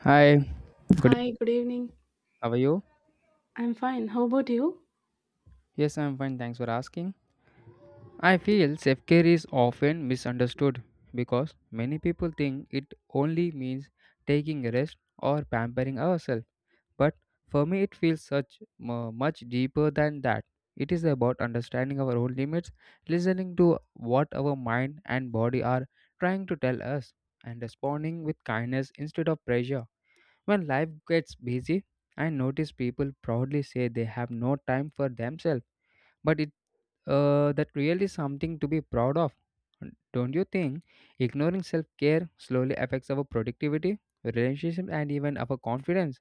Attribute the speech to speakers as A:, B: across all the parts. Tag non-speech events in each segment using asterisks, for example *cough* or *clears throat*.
A: Hi, good
B: Hi,
A: evening.
B: good evening.
A: How are you?
B: I'm fine. How about you?
A: Yes, I'm fine. Thanks for asking. I feel self care is often misunderstood because many people think it only means taking a rest or pampering ourselves. But for me, it feels such much deeper than that. It is about understanding our own limits, listening to what our mind and body are trying to tell us, and responding with kindness instead of pressure. When life gets busy, I notice people proudly say they have no time for themselves, but it that really is something to be proud of. Don't you think ignoring self care slowly affects our productivity, relationship, and even our confidence?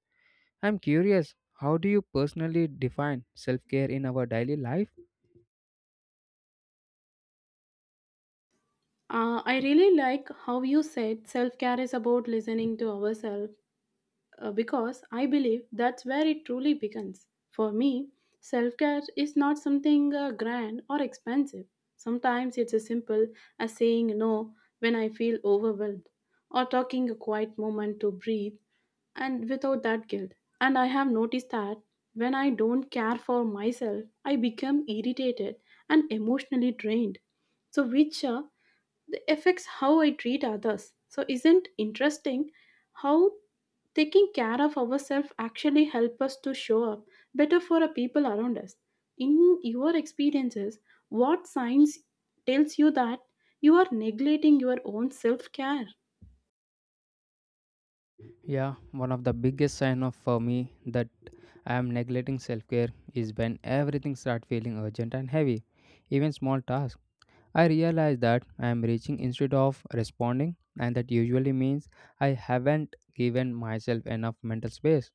A: I'm curious, how do you personally define self care in our daily life?
B: I really like how you said self care is about listening to ourselves because I believe that's where it truly begins. For me, self care is not something grand or expensive. Sometimes it's as simple as saying no when I feel overwhelmed or taking a quiet moment to breathe and without that guilt. And I have noticed that when I don't care for myself, I become irritated and emotionally drained. So, which that affects how I treat others. So isn't interesting how taking care of ourselves actually help us to show up better for the people around us. In your experiences, what signs tells you that you are neglecting your own self-care?
A: Yeah, one of the biggest sign of for me that I am neglecting self-care is when everything start feeling urgent and heavy. Even small tasks I realize that I am reaching instead of responding, and that usually means I haven't given myself enough mental space.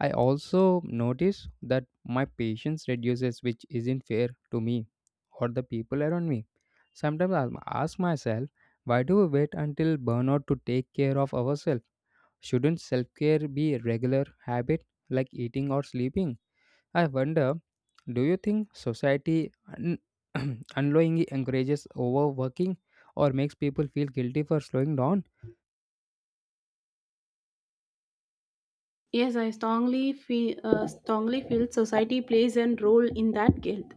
A: I also notice that my patience reduces, which isn't fair to me or the people around me. Sometimes I ask myself, why do we wait until burnout to take care of ourselves? Shouldn't self care be a regular habit like eating or sleeping? I wonder, do you think society un- *clears throat* unknowingly encourages overworking or makes people feel guilty for slowing down?
B: Yes, I strongly feel, society plays a role in that guilt.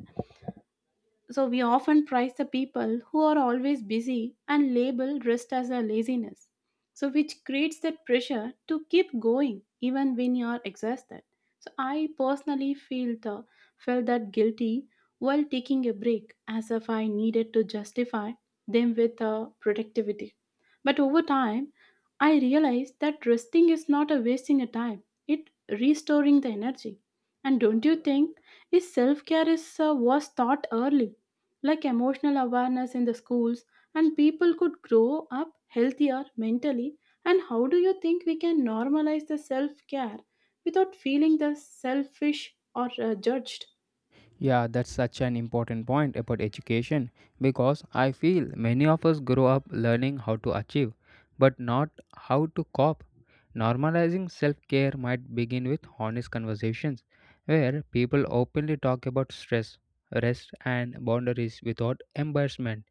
B: So we often prize the people who are always busy and label rest as a laziness. So which creates that pressure to keep going even when you are exhausted. So I personally feel the, felt that guilty while taking a break as if I needed to justify them with productivity. But over time, I realized that resting is not a wasting a time. It restoring the energy. And don't you think is self care is was taught early like emotional awareness in the schools and people could grow up healthier mentally, and how do you think we can normalize the self care without feeling the selfish or judged?
A: Yeah, that's such an important point about education because I feel many of us grow up learning how to achieve but not how to cope. Normalizing self care might begin with honest conversations where people openly talk about stress, rest, and boundaries without embarrassment.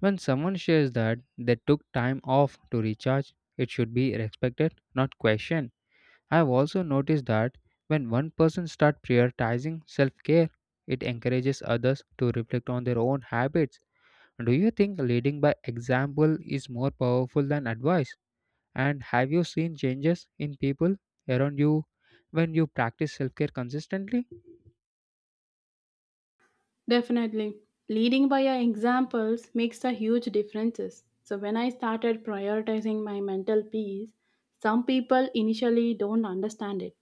A: When someone shares that they took time off to recharge, it should be respected, not questioned. I have also noticed that when one person starts prioritizing self-care, it encourages others to reflect on their own habits. Do you think leading by example is more powerful than advice? And have you seen changes in people around you when you practice self-care consistently?
B: Definitely leading by our examples makes a huge differences. So when I started prioritizing my mental peace, some people initially don't understand it,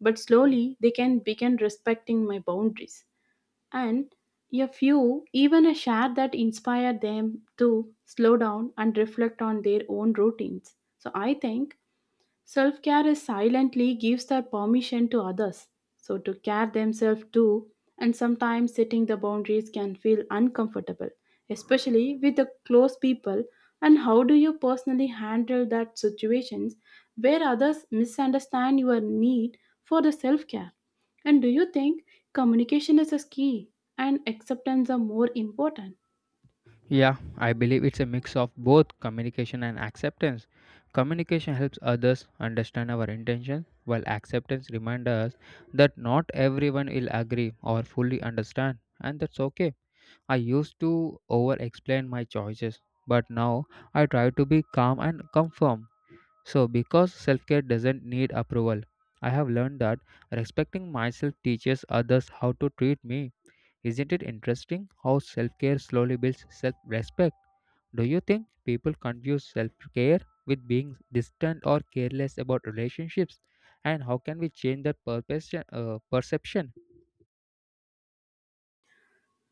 B: but slowly they can begin respecting my boundaries, and a few even a share that inspire them to slow down and reflect on their own routines. So I think self care is silently gives their permission to others, so to care themselves too, and sometimes setting the boundaries can feel uncomfortable, especially with the close people. And how do you personally handle that situations where others misunderstand your need for the self care? And do you think communication is a key and acceptance are more important?
A: Yeah, I believe it's a mix of both communication and acceptance. Communication helps others understand our intentions, while acceptance reminds us that not everyone will agree or fully understand, and that's okay. I used to over explain my choices, but now I try to be calm and confirm. So, because self care doesn't need approval, I have learned that respecting myself teaches others how to treat me. Isn't it interesting how self care slowly builds self respect? Do you think people confuse self care with being distant or careless about relationships? And how can we change that perception?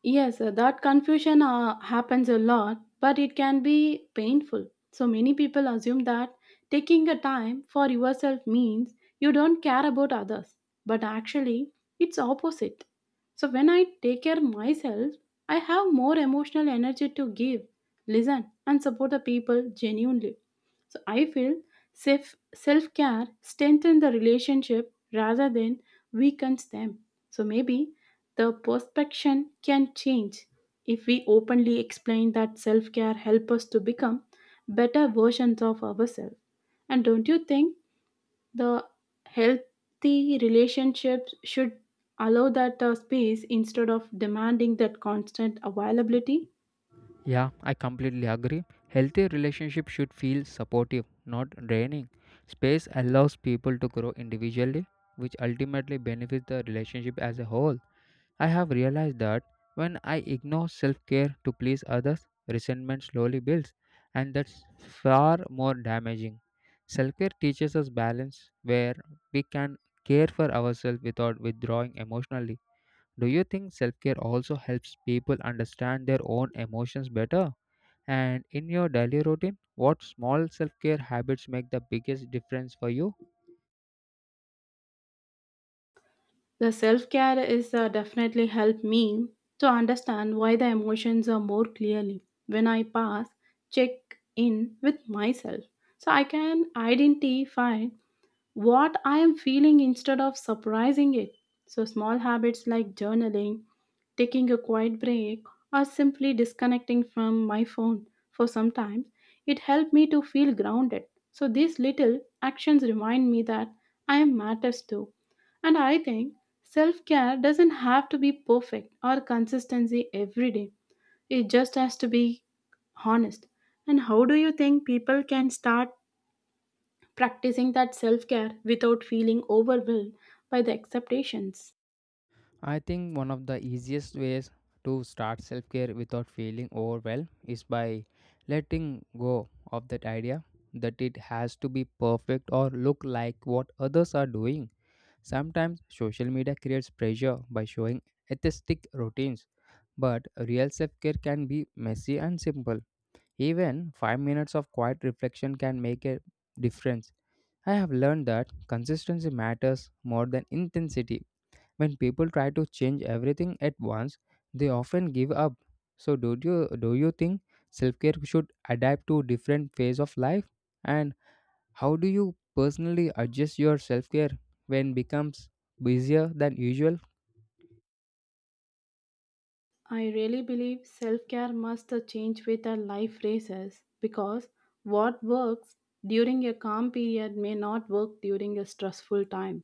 B: Yes, that confusion happens a lot, but it can be painful. So many people assume that taking a time for yourself means you don't care about others, but actually it's opposite. So when I take care of myself, I have more emotional energy to give, listen and support the people genuinely. So I feel self care strengthens the relationship rather than weakens them. So maybe the perception can change if we openly explain that self care helps us to become better versions of ourselves. And don't you think the healthy relationships should allow that space instead of demanding that constant availability?
A: Yeah, I completely agree. Healthy relationships should feel supportive, not draining. Space allows people to grow individually, which ultimately benefits the relationship as a whole. I have realized that when I ignore self care to please others, resentment slowly builds, and that's far more damaging. Self care teaches us balance where we can care for ourselves without withdrawing emotionally. Do you think self care also helps people understand their own emotions better? And in your daily routine, what small self care habits make the biggest difference for you?
B: The self care is definitely helped me to understand why the emotions are more clearly when I pass check in with myself. So I can identify what I am feeling instead of surprising it. So, small habits like journaling, taking a quiet break, or simply disconnecting from my phone for some time, it helped me to feel grounded. So, these little actions remind me that I am matters too. And I think self care doesn't have to be perfect or consistency every day, it just has to be honest. And how do you think people can start practicing that self care without feeling overwhelmed by the expectations?
A: I think one of the easiest ways to start self care without feeling overwhelmed is by letting go of that idea that it has to be perfect or look like what others are doing. Sometimes social media creates pressure by showing aesthetic routines, but real self care can be messy and simple. Even 5 minutes of quiet reflection can make a difference. I have learned that consistency matters more than intensity when people try to change everything at once, they often give up. So do you think self-care should adapt to different phase of life? And how do you personally adjust your self-care when becomes busier than usual?
B: I really believe self care must change with our life races because what works during a calm period may not work during a stressful time.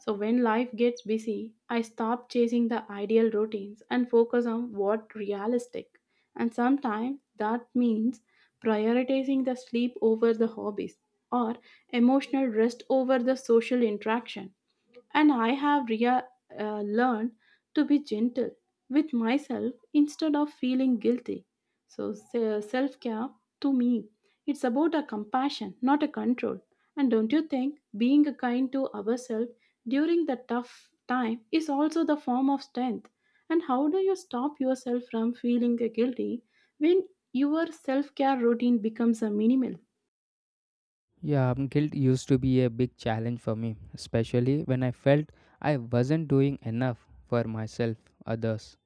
B: So, when life gets busy, I stop chasing the ideal routines and focus on what realistic. And sometimes that means prioritizing the sleep over the hobbies or emotional rest over the social interaction. And learned to be gentle with myself instead of feeling guilty. So self care to me, it's about a compassion, not a control. And don't you think being kind to ourselves during the tough time is also the form of strength? And how do you stop yourself from feeling guilty when your self care routine becomes a minimal?
A: Yeah, guilt used to be a big challenge for me, especially when I felt I wasn't doing enough for myself, others.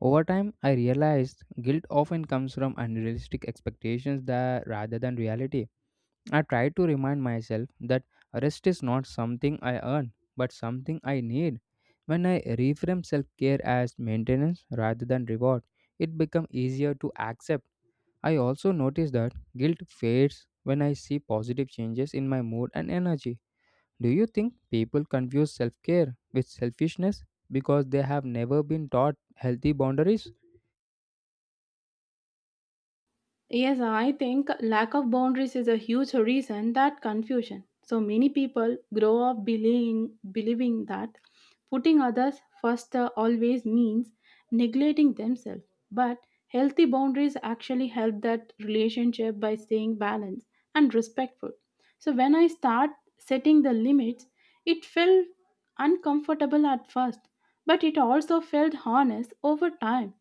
A: Over time, I realized guilt often comes from unrealistic expectations that rather than reality. I try to remind myself that rest is not something I earn, but something I need. When I reframe self care as maintenance rather than reward, it becomes easier to accept. I also notice that guilt fades when I see positive changes in my mood and energy. Do you think people confuse self care with selfishness because they have never been taught healthy boundaries?
B: Yes, I think lack of boundaries is a huge reason that confusion. So many people grow up believing that putting others first always means neglecting themselves. But healthy boundaries actually help that relationship by staying balanced and respectful. So when I start setting the limits, it felt uncomfortable at first, but it also felt honest over time.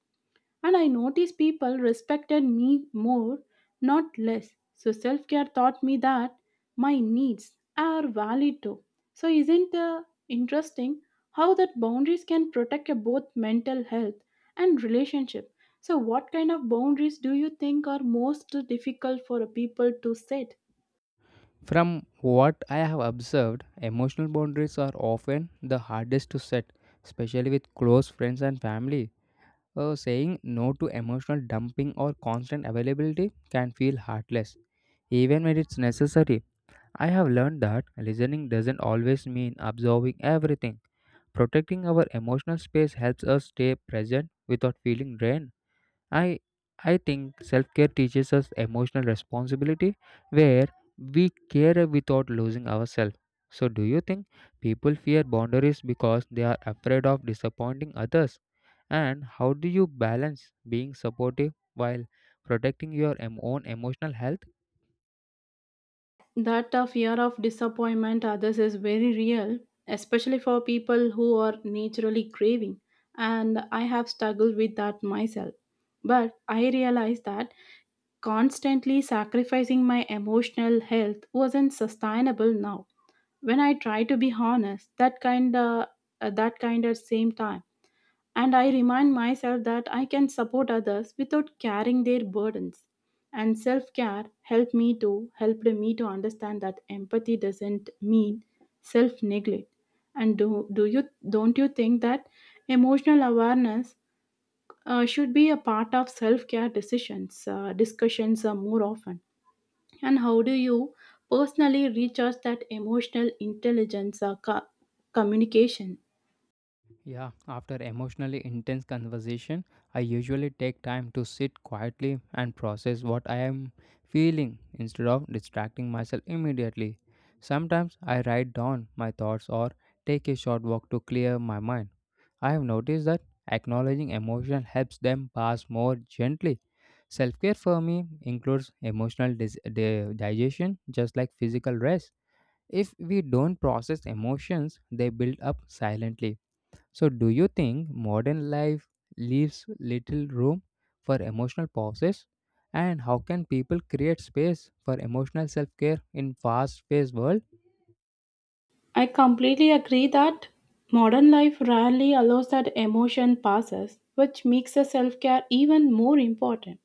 B: And I noticed people respected me more, not less. So self care taught me that my needs are valid too. So isn't it interesting how that boundaries can protect your both mental health and relationship? So what kind of boundaries do you think are most difficult for a people to set?
A: From what I have observed, emotional boundaries are often the hardest to set, especially with close friends and family. Saying no to emotional dumping or constant availability can feel heartless, even when it's necessary. I have learned that listening doesn't always mean absorbing everything. Protecting our emotional space helps us stay present without feeling drained. I I think self-care teaches us emotional responsibility where we care without losing ourselves. So do you think people fear boundaries because they are afraid of disappointing others? And how do you balance being supportive while protecting your own emotional health?
B: That fear of disappointment others is very real, especially for people who are naturally craving. And I have struggled with that myself. But I realized that constantly sacrificing my emotional health wasn't sustainable now. When I try to be honest, that kind at same time, and I remind myself that I can support others without carrying their burdens. And self care helped me to understand that empathy doesn't mean self neglect. And do, do you don't you think that emotional awareness should be a part of self care decisions discussions more often? And how do you personally recharge that emotional intelligence communication?
A: Yeah, after emotionally intense conversation, I usually take time to sit quietly and process what I am feeling instead of distracting myself immediately. Sometimes I write down my thoughts or take a short walk to clear my mind. I have noticed that acknowledging emotion helps them pass more gently. Self care for me includes emotional digestion just like physical rest. If we don't process emotions, they build up silently so, do you think modern life leaves little room for emotional pauses? And how can people create space for emotional self-care in fast-paced world?
B: I completely agree that modern life rarely allows that emotion passes, which makes the self care even more important.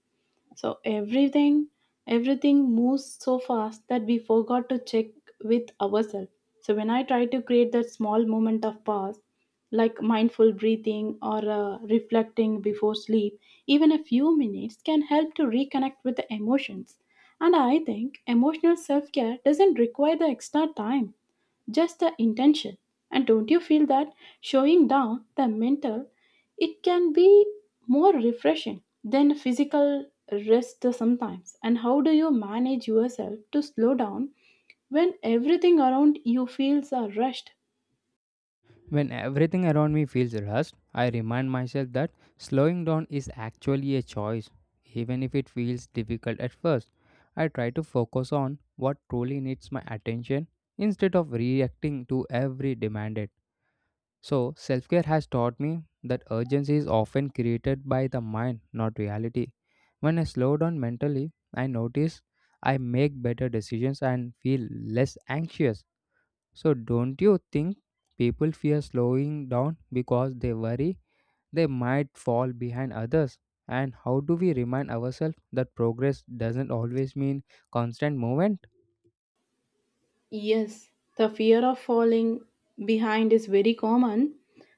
B: So everything moves so fast that we forgot to check with ourselves. So when I try to create that small moment of pause, like mindful breathing or reflecting before sleep, even a few minutes can help to reconnect with the emotions. And I think emotional self care doesn't require the extra time, just the intention. And don't you feel that showing down the mental, it can be more refreshing than physical rest sometimes? And how do you manage yourself to slow down when everything around you feels are rushed?
A: When everything around me feels rushed, I remind myself that slowing down is actually a choice, even if it feels difficult at first. I try to focus on what truly needs my attention instead of reacting to every demand. So, self care has taught me that urgency is often created by the mind, not reality. When I slow down mentally, I notice I make better decisions and feel less anxious. So, don't you think people fear slowing down because they worry they might fall behind others? And how do we remind ourselves that progress doesn't always mean constant movement?
B: Yes, the fear of falling behind is very common,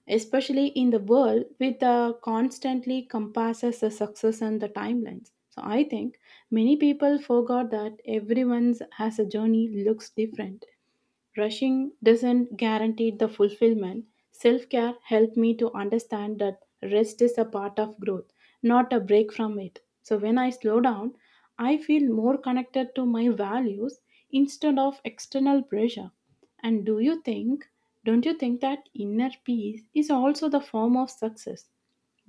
B: especially in the world with the constantly compasses the success and the timelines. So I think many people forgot that everyone's has a journey looks different. Rushing doesn't guarantee the fulfillment. Self care helped me to understand that rest is a part of growth, not a break from it. So when I slow down, I feel more connected to my values instead of external pressure. And don't you think that inner peace is also the form of success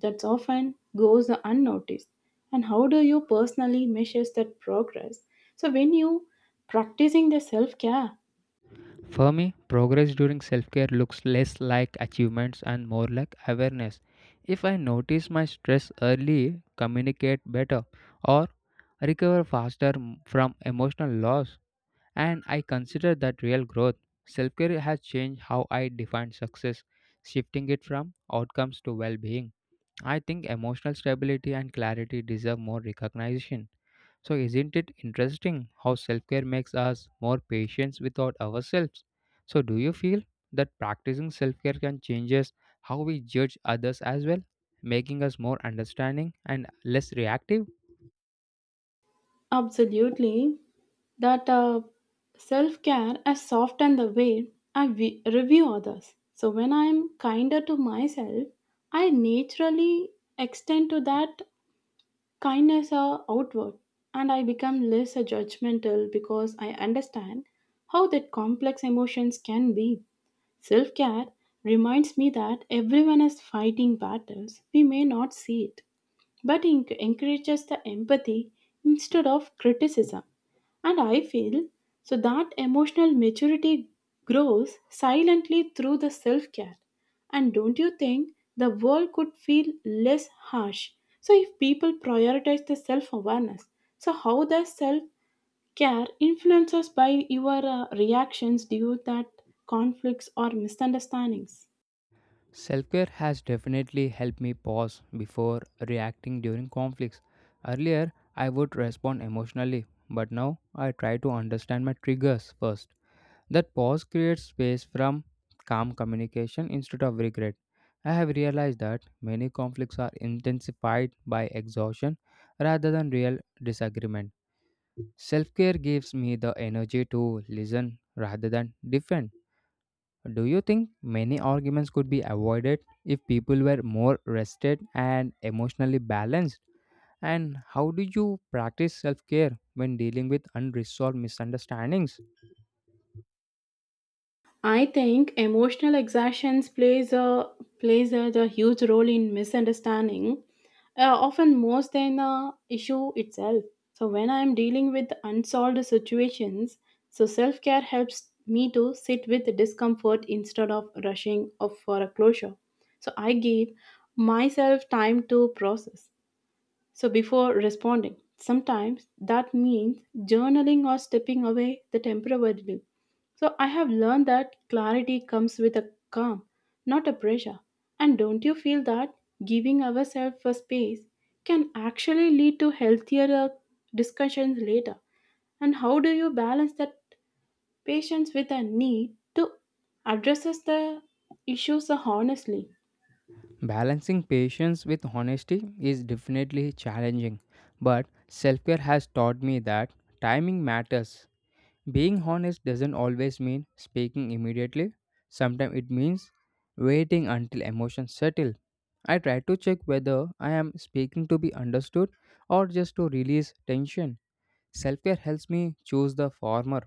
B: that often goes unnoticed? And how do you personally measure that progress? So when you practicing the self care,
A: For me, progress during self care looks less like achievements and more like awareness. If I notice my stress early, communicate better, or recover faster from emotional loss, and I consider that real growth, self care has changed how I define success, shifting it from outcomes to well being. I think emotional stability and clarity deserve more recognition. So, isn't it interesting how self care makes us more patient without ourselves? So, do you feel that practicing self care can change us how we judge others as well, making us more understanding and less reactive?
B: absolutely. That self care has softened the way I review others. So when I'm kinder to myself, I naturally extend to that kindness outward, and I become less judgmental because I understand how that complex emotions can be. Self care reminds me that everyone is fighting battles. We may not see it, but it encourages the empathy instead of criticism. And I feel so that emotional maturity grows silently through the self care. And don't you think the world could feel less harsh? So, if people prioritize the self awareness, so how does self care influences by your reactions due that conflicts or misunderstandings?
A: Self care has definitely helped me pause before reacting during conflicts. Earlier, I would respond emotionally, but now I try to understand my triggers first. That pause creates space from calm communication instead of regret. I have realized that many conflicts are intensified by exhaustion rather than real disagreement. Self care gives me the energy to listen rather than defend. Do you think many arguments could be avoided if people were more rested and emotionally balanced? And how do you practice self care when dealing with unresolved misunderstandings?
B: I think emotional exhaustion the huge role in misunderstanding, often more than the issue itself. So when I am dealing with unsolved situations, so self care helps me to sit with discomfort instead of rushing of for a closure. So I give myself time to process. So before responding, sometimes that means journaling or stepping away the temporarily. So I have learned that clarity comes with a calm, not a pressure. And don't you feel that giving ourselves a space can actually lead to healthier discussions later? And how do you balance that patience with a need to address the issues honestly?
A: Balancing patience with honesty is definitely challenging, but self care has taught me that timing matters. Being honest doesn't always mean speaking immediately, sometimes it means waiting until emotions settle. I try to check whether I am speaking to be understood or just to release tension. Self care helps me choose the former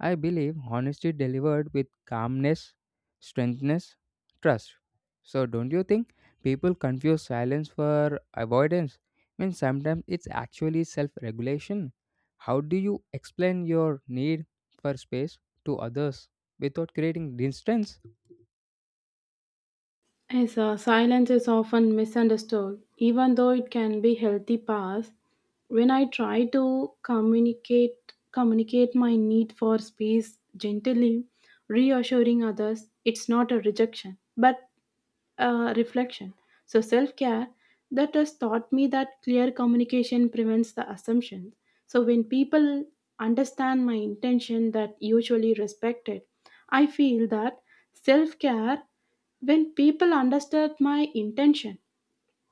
A: I believe honesty delivered with calmness strengthens trust. So, don't you think people confuse silence for avoidance? I mean, sometimes it's actually self regulation. How do you explain your need for space to others without creating distance?
B: Yes, silence is often misunderstood, even though it can be healthy path. When I try to communicate my need for space gently, reassuring others, it's not a rejection, but reflection. So, self care that has taught me that clear communication prevents the assumptions. So, when people understand my intention that usually respected, I feel that self care, when people understood my intention,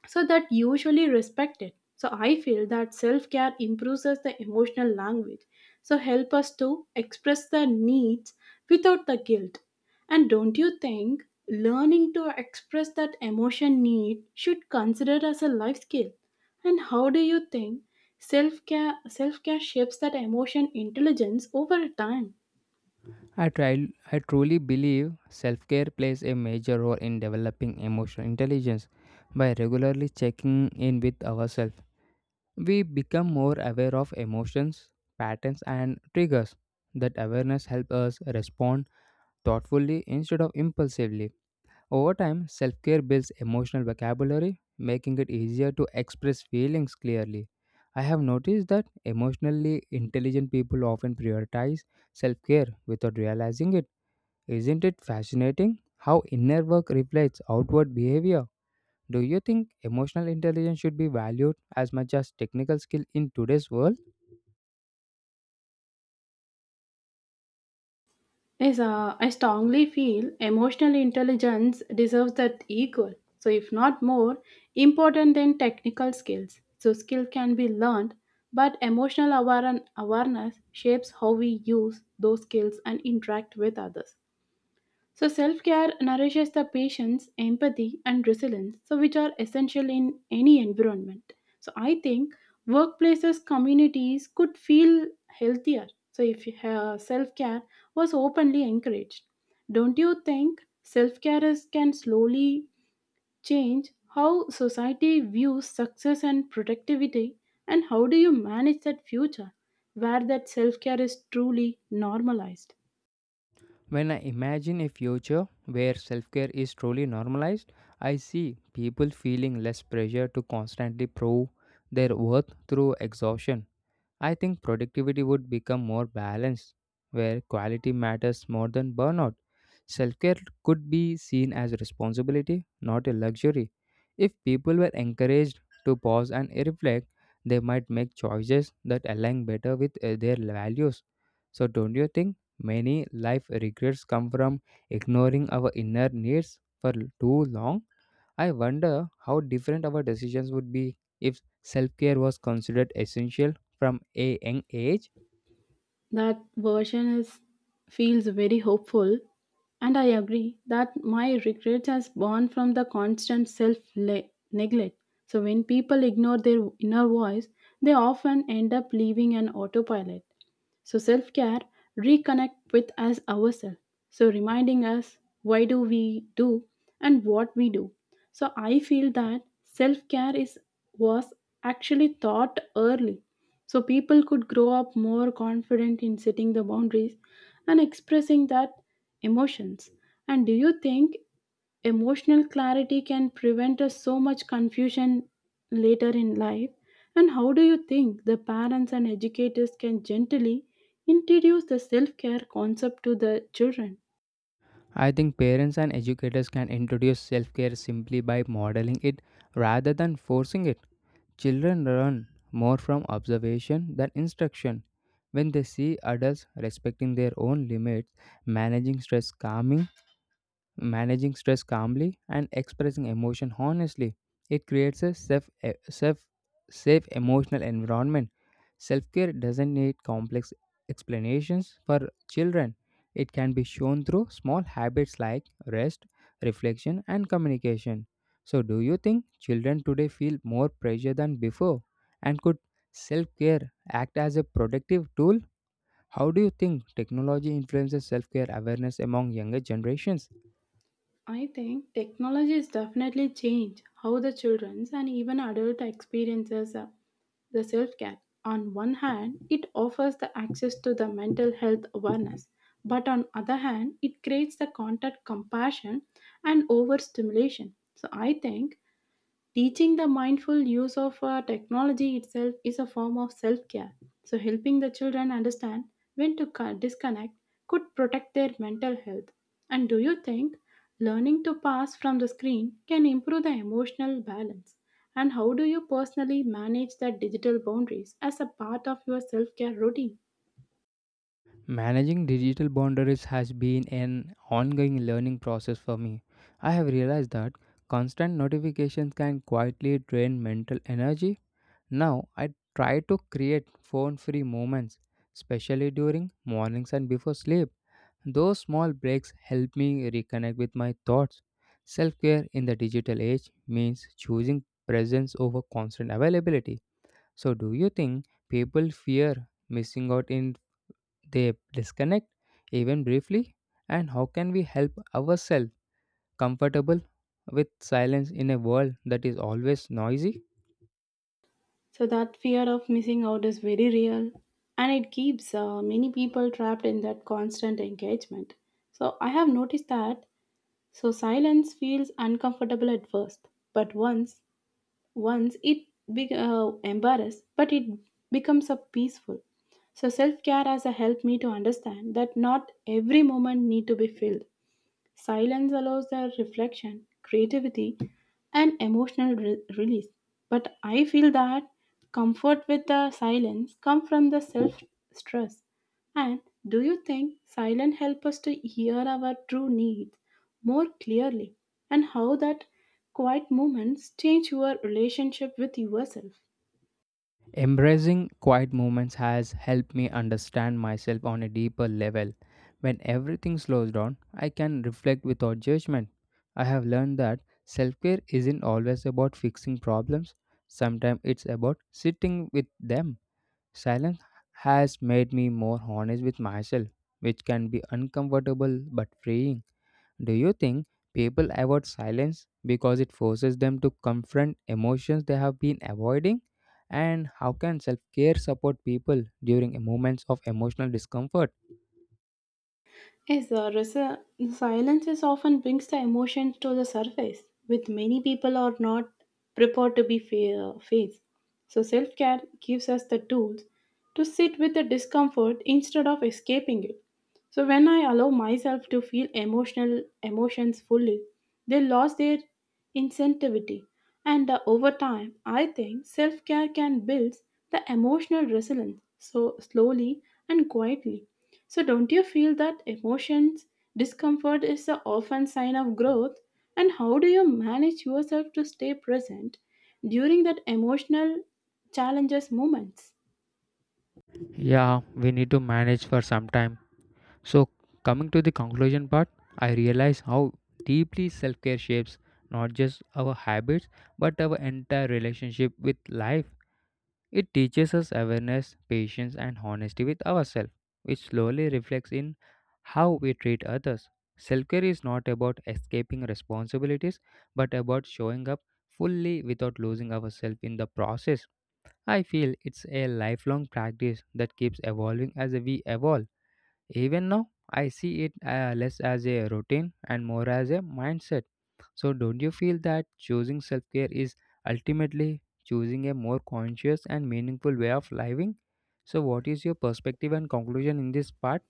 B: so that usually respected, so I feel that self-care improves us the emotional language, so help us to express the needs without the guilt. And don't you think learning to express that emotion need should consider as a life skill, and how do you think self-care shapes that emotion intelligence over time?
A: I truly believe self care plays a major role in developing emotional intelligence by regularly checking in with ourselves We become more aware of emotions, patterns, and triggers. That awareness helps us respond thoughtfully instead of impulsively. Over time, self care builds emotional vocabulary, making it easier to express feelings clearly. I have noticed that emotionally intelligent people often prioritize self care without realizing it. Isn't it fascinating how inner work reflects outward behavior? Do you think emotional intelligence should be valued as much as technical skill in today's world?
B: Yes, I strongly feel emotional intelligence deserves that equal, so if not more, important than technical skills. So skill can be learned, but awareness shapes how we use those skills and interact with others. So self care nourishes the patience, empathy, and resilience, so which are essential in any environment. So I think workplaces, communities could feel healthier. So if self care was openly encouraged, don't you think self care is can slowly change how society views success and productivity? And how do you manage that future where that self care is truly normalized?
A: When I imagine a future where self care is truly normalized, I see people feeling less pressure to constantly prove their worth through exhaustion. I think productivity would become more balanced, where quality matters more than burnout. Self care could be seen as a responsibility, not a luxury. If people were encouraged to pause and reflect, they might make choices that align better with their values. So, don't you think many life regrets come from ignoring our inner needs for too long? I wonder how different our decisions would be if self care was considered essential from a young age.
B: That version is feels very hopeful, and I agree that my regrets has born from the constant neglect. So when people ignore their inner voice, they often end up leaving an autopilot. So self care reconnect with us ourselves. So reminding us why do we do and what we do. So I feel that self care is was actually taught early. So people could grow up more confident in setting the boundaries and expressing that emotions. And do you think emotional clarity can prevent us so much confusion later in life? And how do you think the parents and educators can gently introduce the self-care concept to the children?
A: I think parents and educators can introduce self care simply by modeling it rather than forcing it. Children learn more from observation than instruction. When they see adults respecting their own limits, managing stress calmly, and expressing emotion honestly, it creates a safe e- safe safe emotional environment. Self-care doesn't need complex explanations for children. It can be shown through small habits like rest, reflection and communication. So, do you think children today feel more pressure than before, and could self-care act as a productive tool? How do you think technology influences self-care awareness among younger generations?
B: I think technology has definitely changed how the children's and even adult experiences the self-care. On one hand it offers the access to the mental health awareness, but on other hand it creates the contact compassion and overstimulation. So I think teaching the mindful use of technology itself is a form of self care. So helping the children understand when to disconnect could protect their mental health. And do you think learning to pass from the screen can improve the emotional balance? And how do you personally manage the digital boundaries as a part of your self care routine?
A: Managing digital boundaries has been an ongoing learning process for me. I have realized that constant notifications can quietly drain mental energy. Now, I try to create phone free moments, especially during mornings and before sleep. Those small breaks help me reconnect with my thoughts. Self care in the digital age means choosing presence over constant availability. So, do you think people fear missing out in they disconnect even briefly, and how can we help ourselves comfortable with silence in a world that is always noisy?
B: So that fear of missing out is very real, and it keeps many people trapped in that constant engagement. So I have noticed that, so silence feels uncomfortable at first, but once it be, embarrassed, but it becomes a peaceful. So self care as a help me to understand that not every moment need to be filled. Silence allows their reflection, creativity, and release. But I feel that comfort with the silence come from the self stress. And do you think silence help us to hear our true needs more clearly, and how that quiet moments change your relationship with yourself?
A: Embracing quiet moments has helped me understand myself on a deeper level. When everything slows down, I can reflect without judgment. I have learned that self-care isn't always about fixing problems. Sometimes it's about sitting with them. Silence has made me more honest with myself, which can be uncomfortable but freeing. Do you think people avoid silence because it forces them to confront emotions they have been avoiding? And how can self care support people during moments of emotional discomfort?
B: Yes, silence is often brings the emotions to the surface, with many people are not prepared to be faced. So self care gives us the tools to sit with the discomfort instead of escaping it. So when I allow myself to feel emotional emotions fully, they lose their insensitivity. And over time, I think self-care can build the emotional resilience so slowly and quietly. So don't you feel that emotions discomfort is a often sign of growth? And how do you manage yourself to stay present during that emotional challenges moments?
A: Yeah, we need to manage for some time. So, coming to the conclusion part, I realize how deeply self care shapes not just our habits but our entire relationship with life. It teaches us awareness, patience, and honesty with ourselves, which slowly reflects in how we treat others. Self care is not about escaping responsibilities, but about showing up fully without losing ourselves in the process. I feel it's a lifelong practice that keeps evolving as we evolve. Even now, I see it less as a routine and more as a mindset. So, don't you feel that choosing self care is ultimately choosing a more conscious and meaningful way of living? So, what is your perspective and conclusion in this part?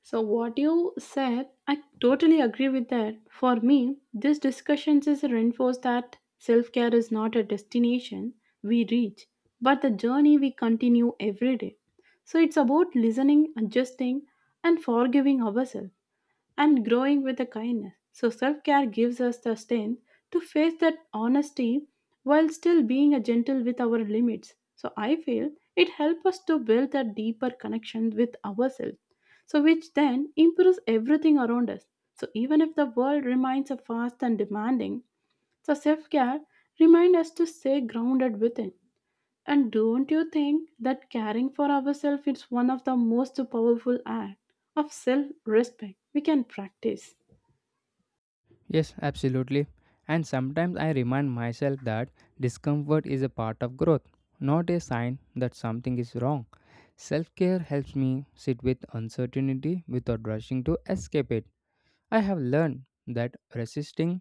B: So, what you said, I totally agree with that. For me, this discussion is a reinforce that self care is not a destination we reach, but the journey we continue every day. So it's about listening, adjusting, and forgiving ourselves and growing with the kindness. So self care gives us the strength to face that honesty while still being a gentle with our limits. So I feel it helps us to build a deeper connection with ourselves, so which then improves everything around us. So even if the world remains a fast and demanding, so self care reminds us to stay grounded within. And don't you think that caring for ourselves is one of the most powerful acts of self respect we can practice?
A: Yes, absolutely. And sometimes I remind myself that discomfort is a part of growth, not a sign that something is wrong. Self care helps me sit with uncertainty without rushing to escape it. I have learned that resisting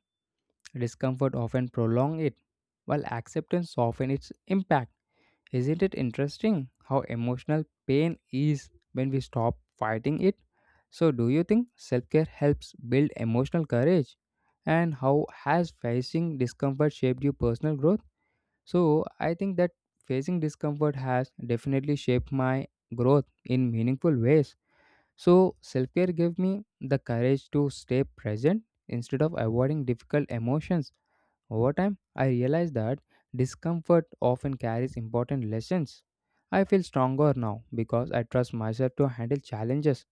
A: discomfort often prolongs it, while acceptance softens its impact. Isn't it interesting how emotional pain is when we stop fighting it? So, do you think self care helps build emotional courage? And how has facing discomfort shaped your personal growth? So, I think that facing discomfort has definitely shaped my growth in meaningful ways. So, self care gave me the courage to stay present instead of avoiding difficult emotions. Over time, I realized that discomfort often carries important lessons. I feel stronger now because I trust myself to handle challenges.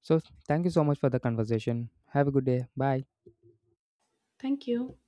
A: So, thank you so much for the conversation. Have a good day. Bye.
B: Thank you.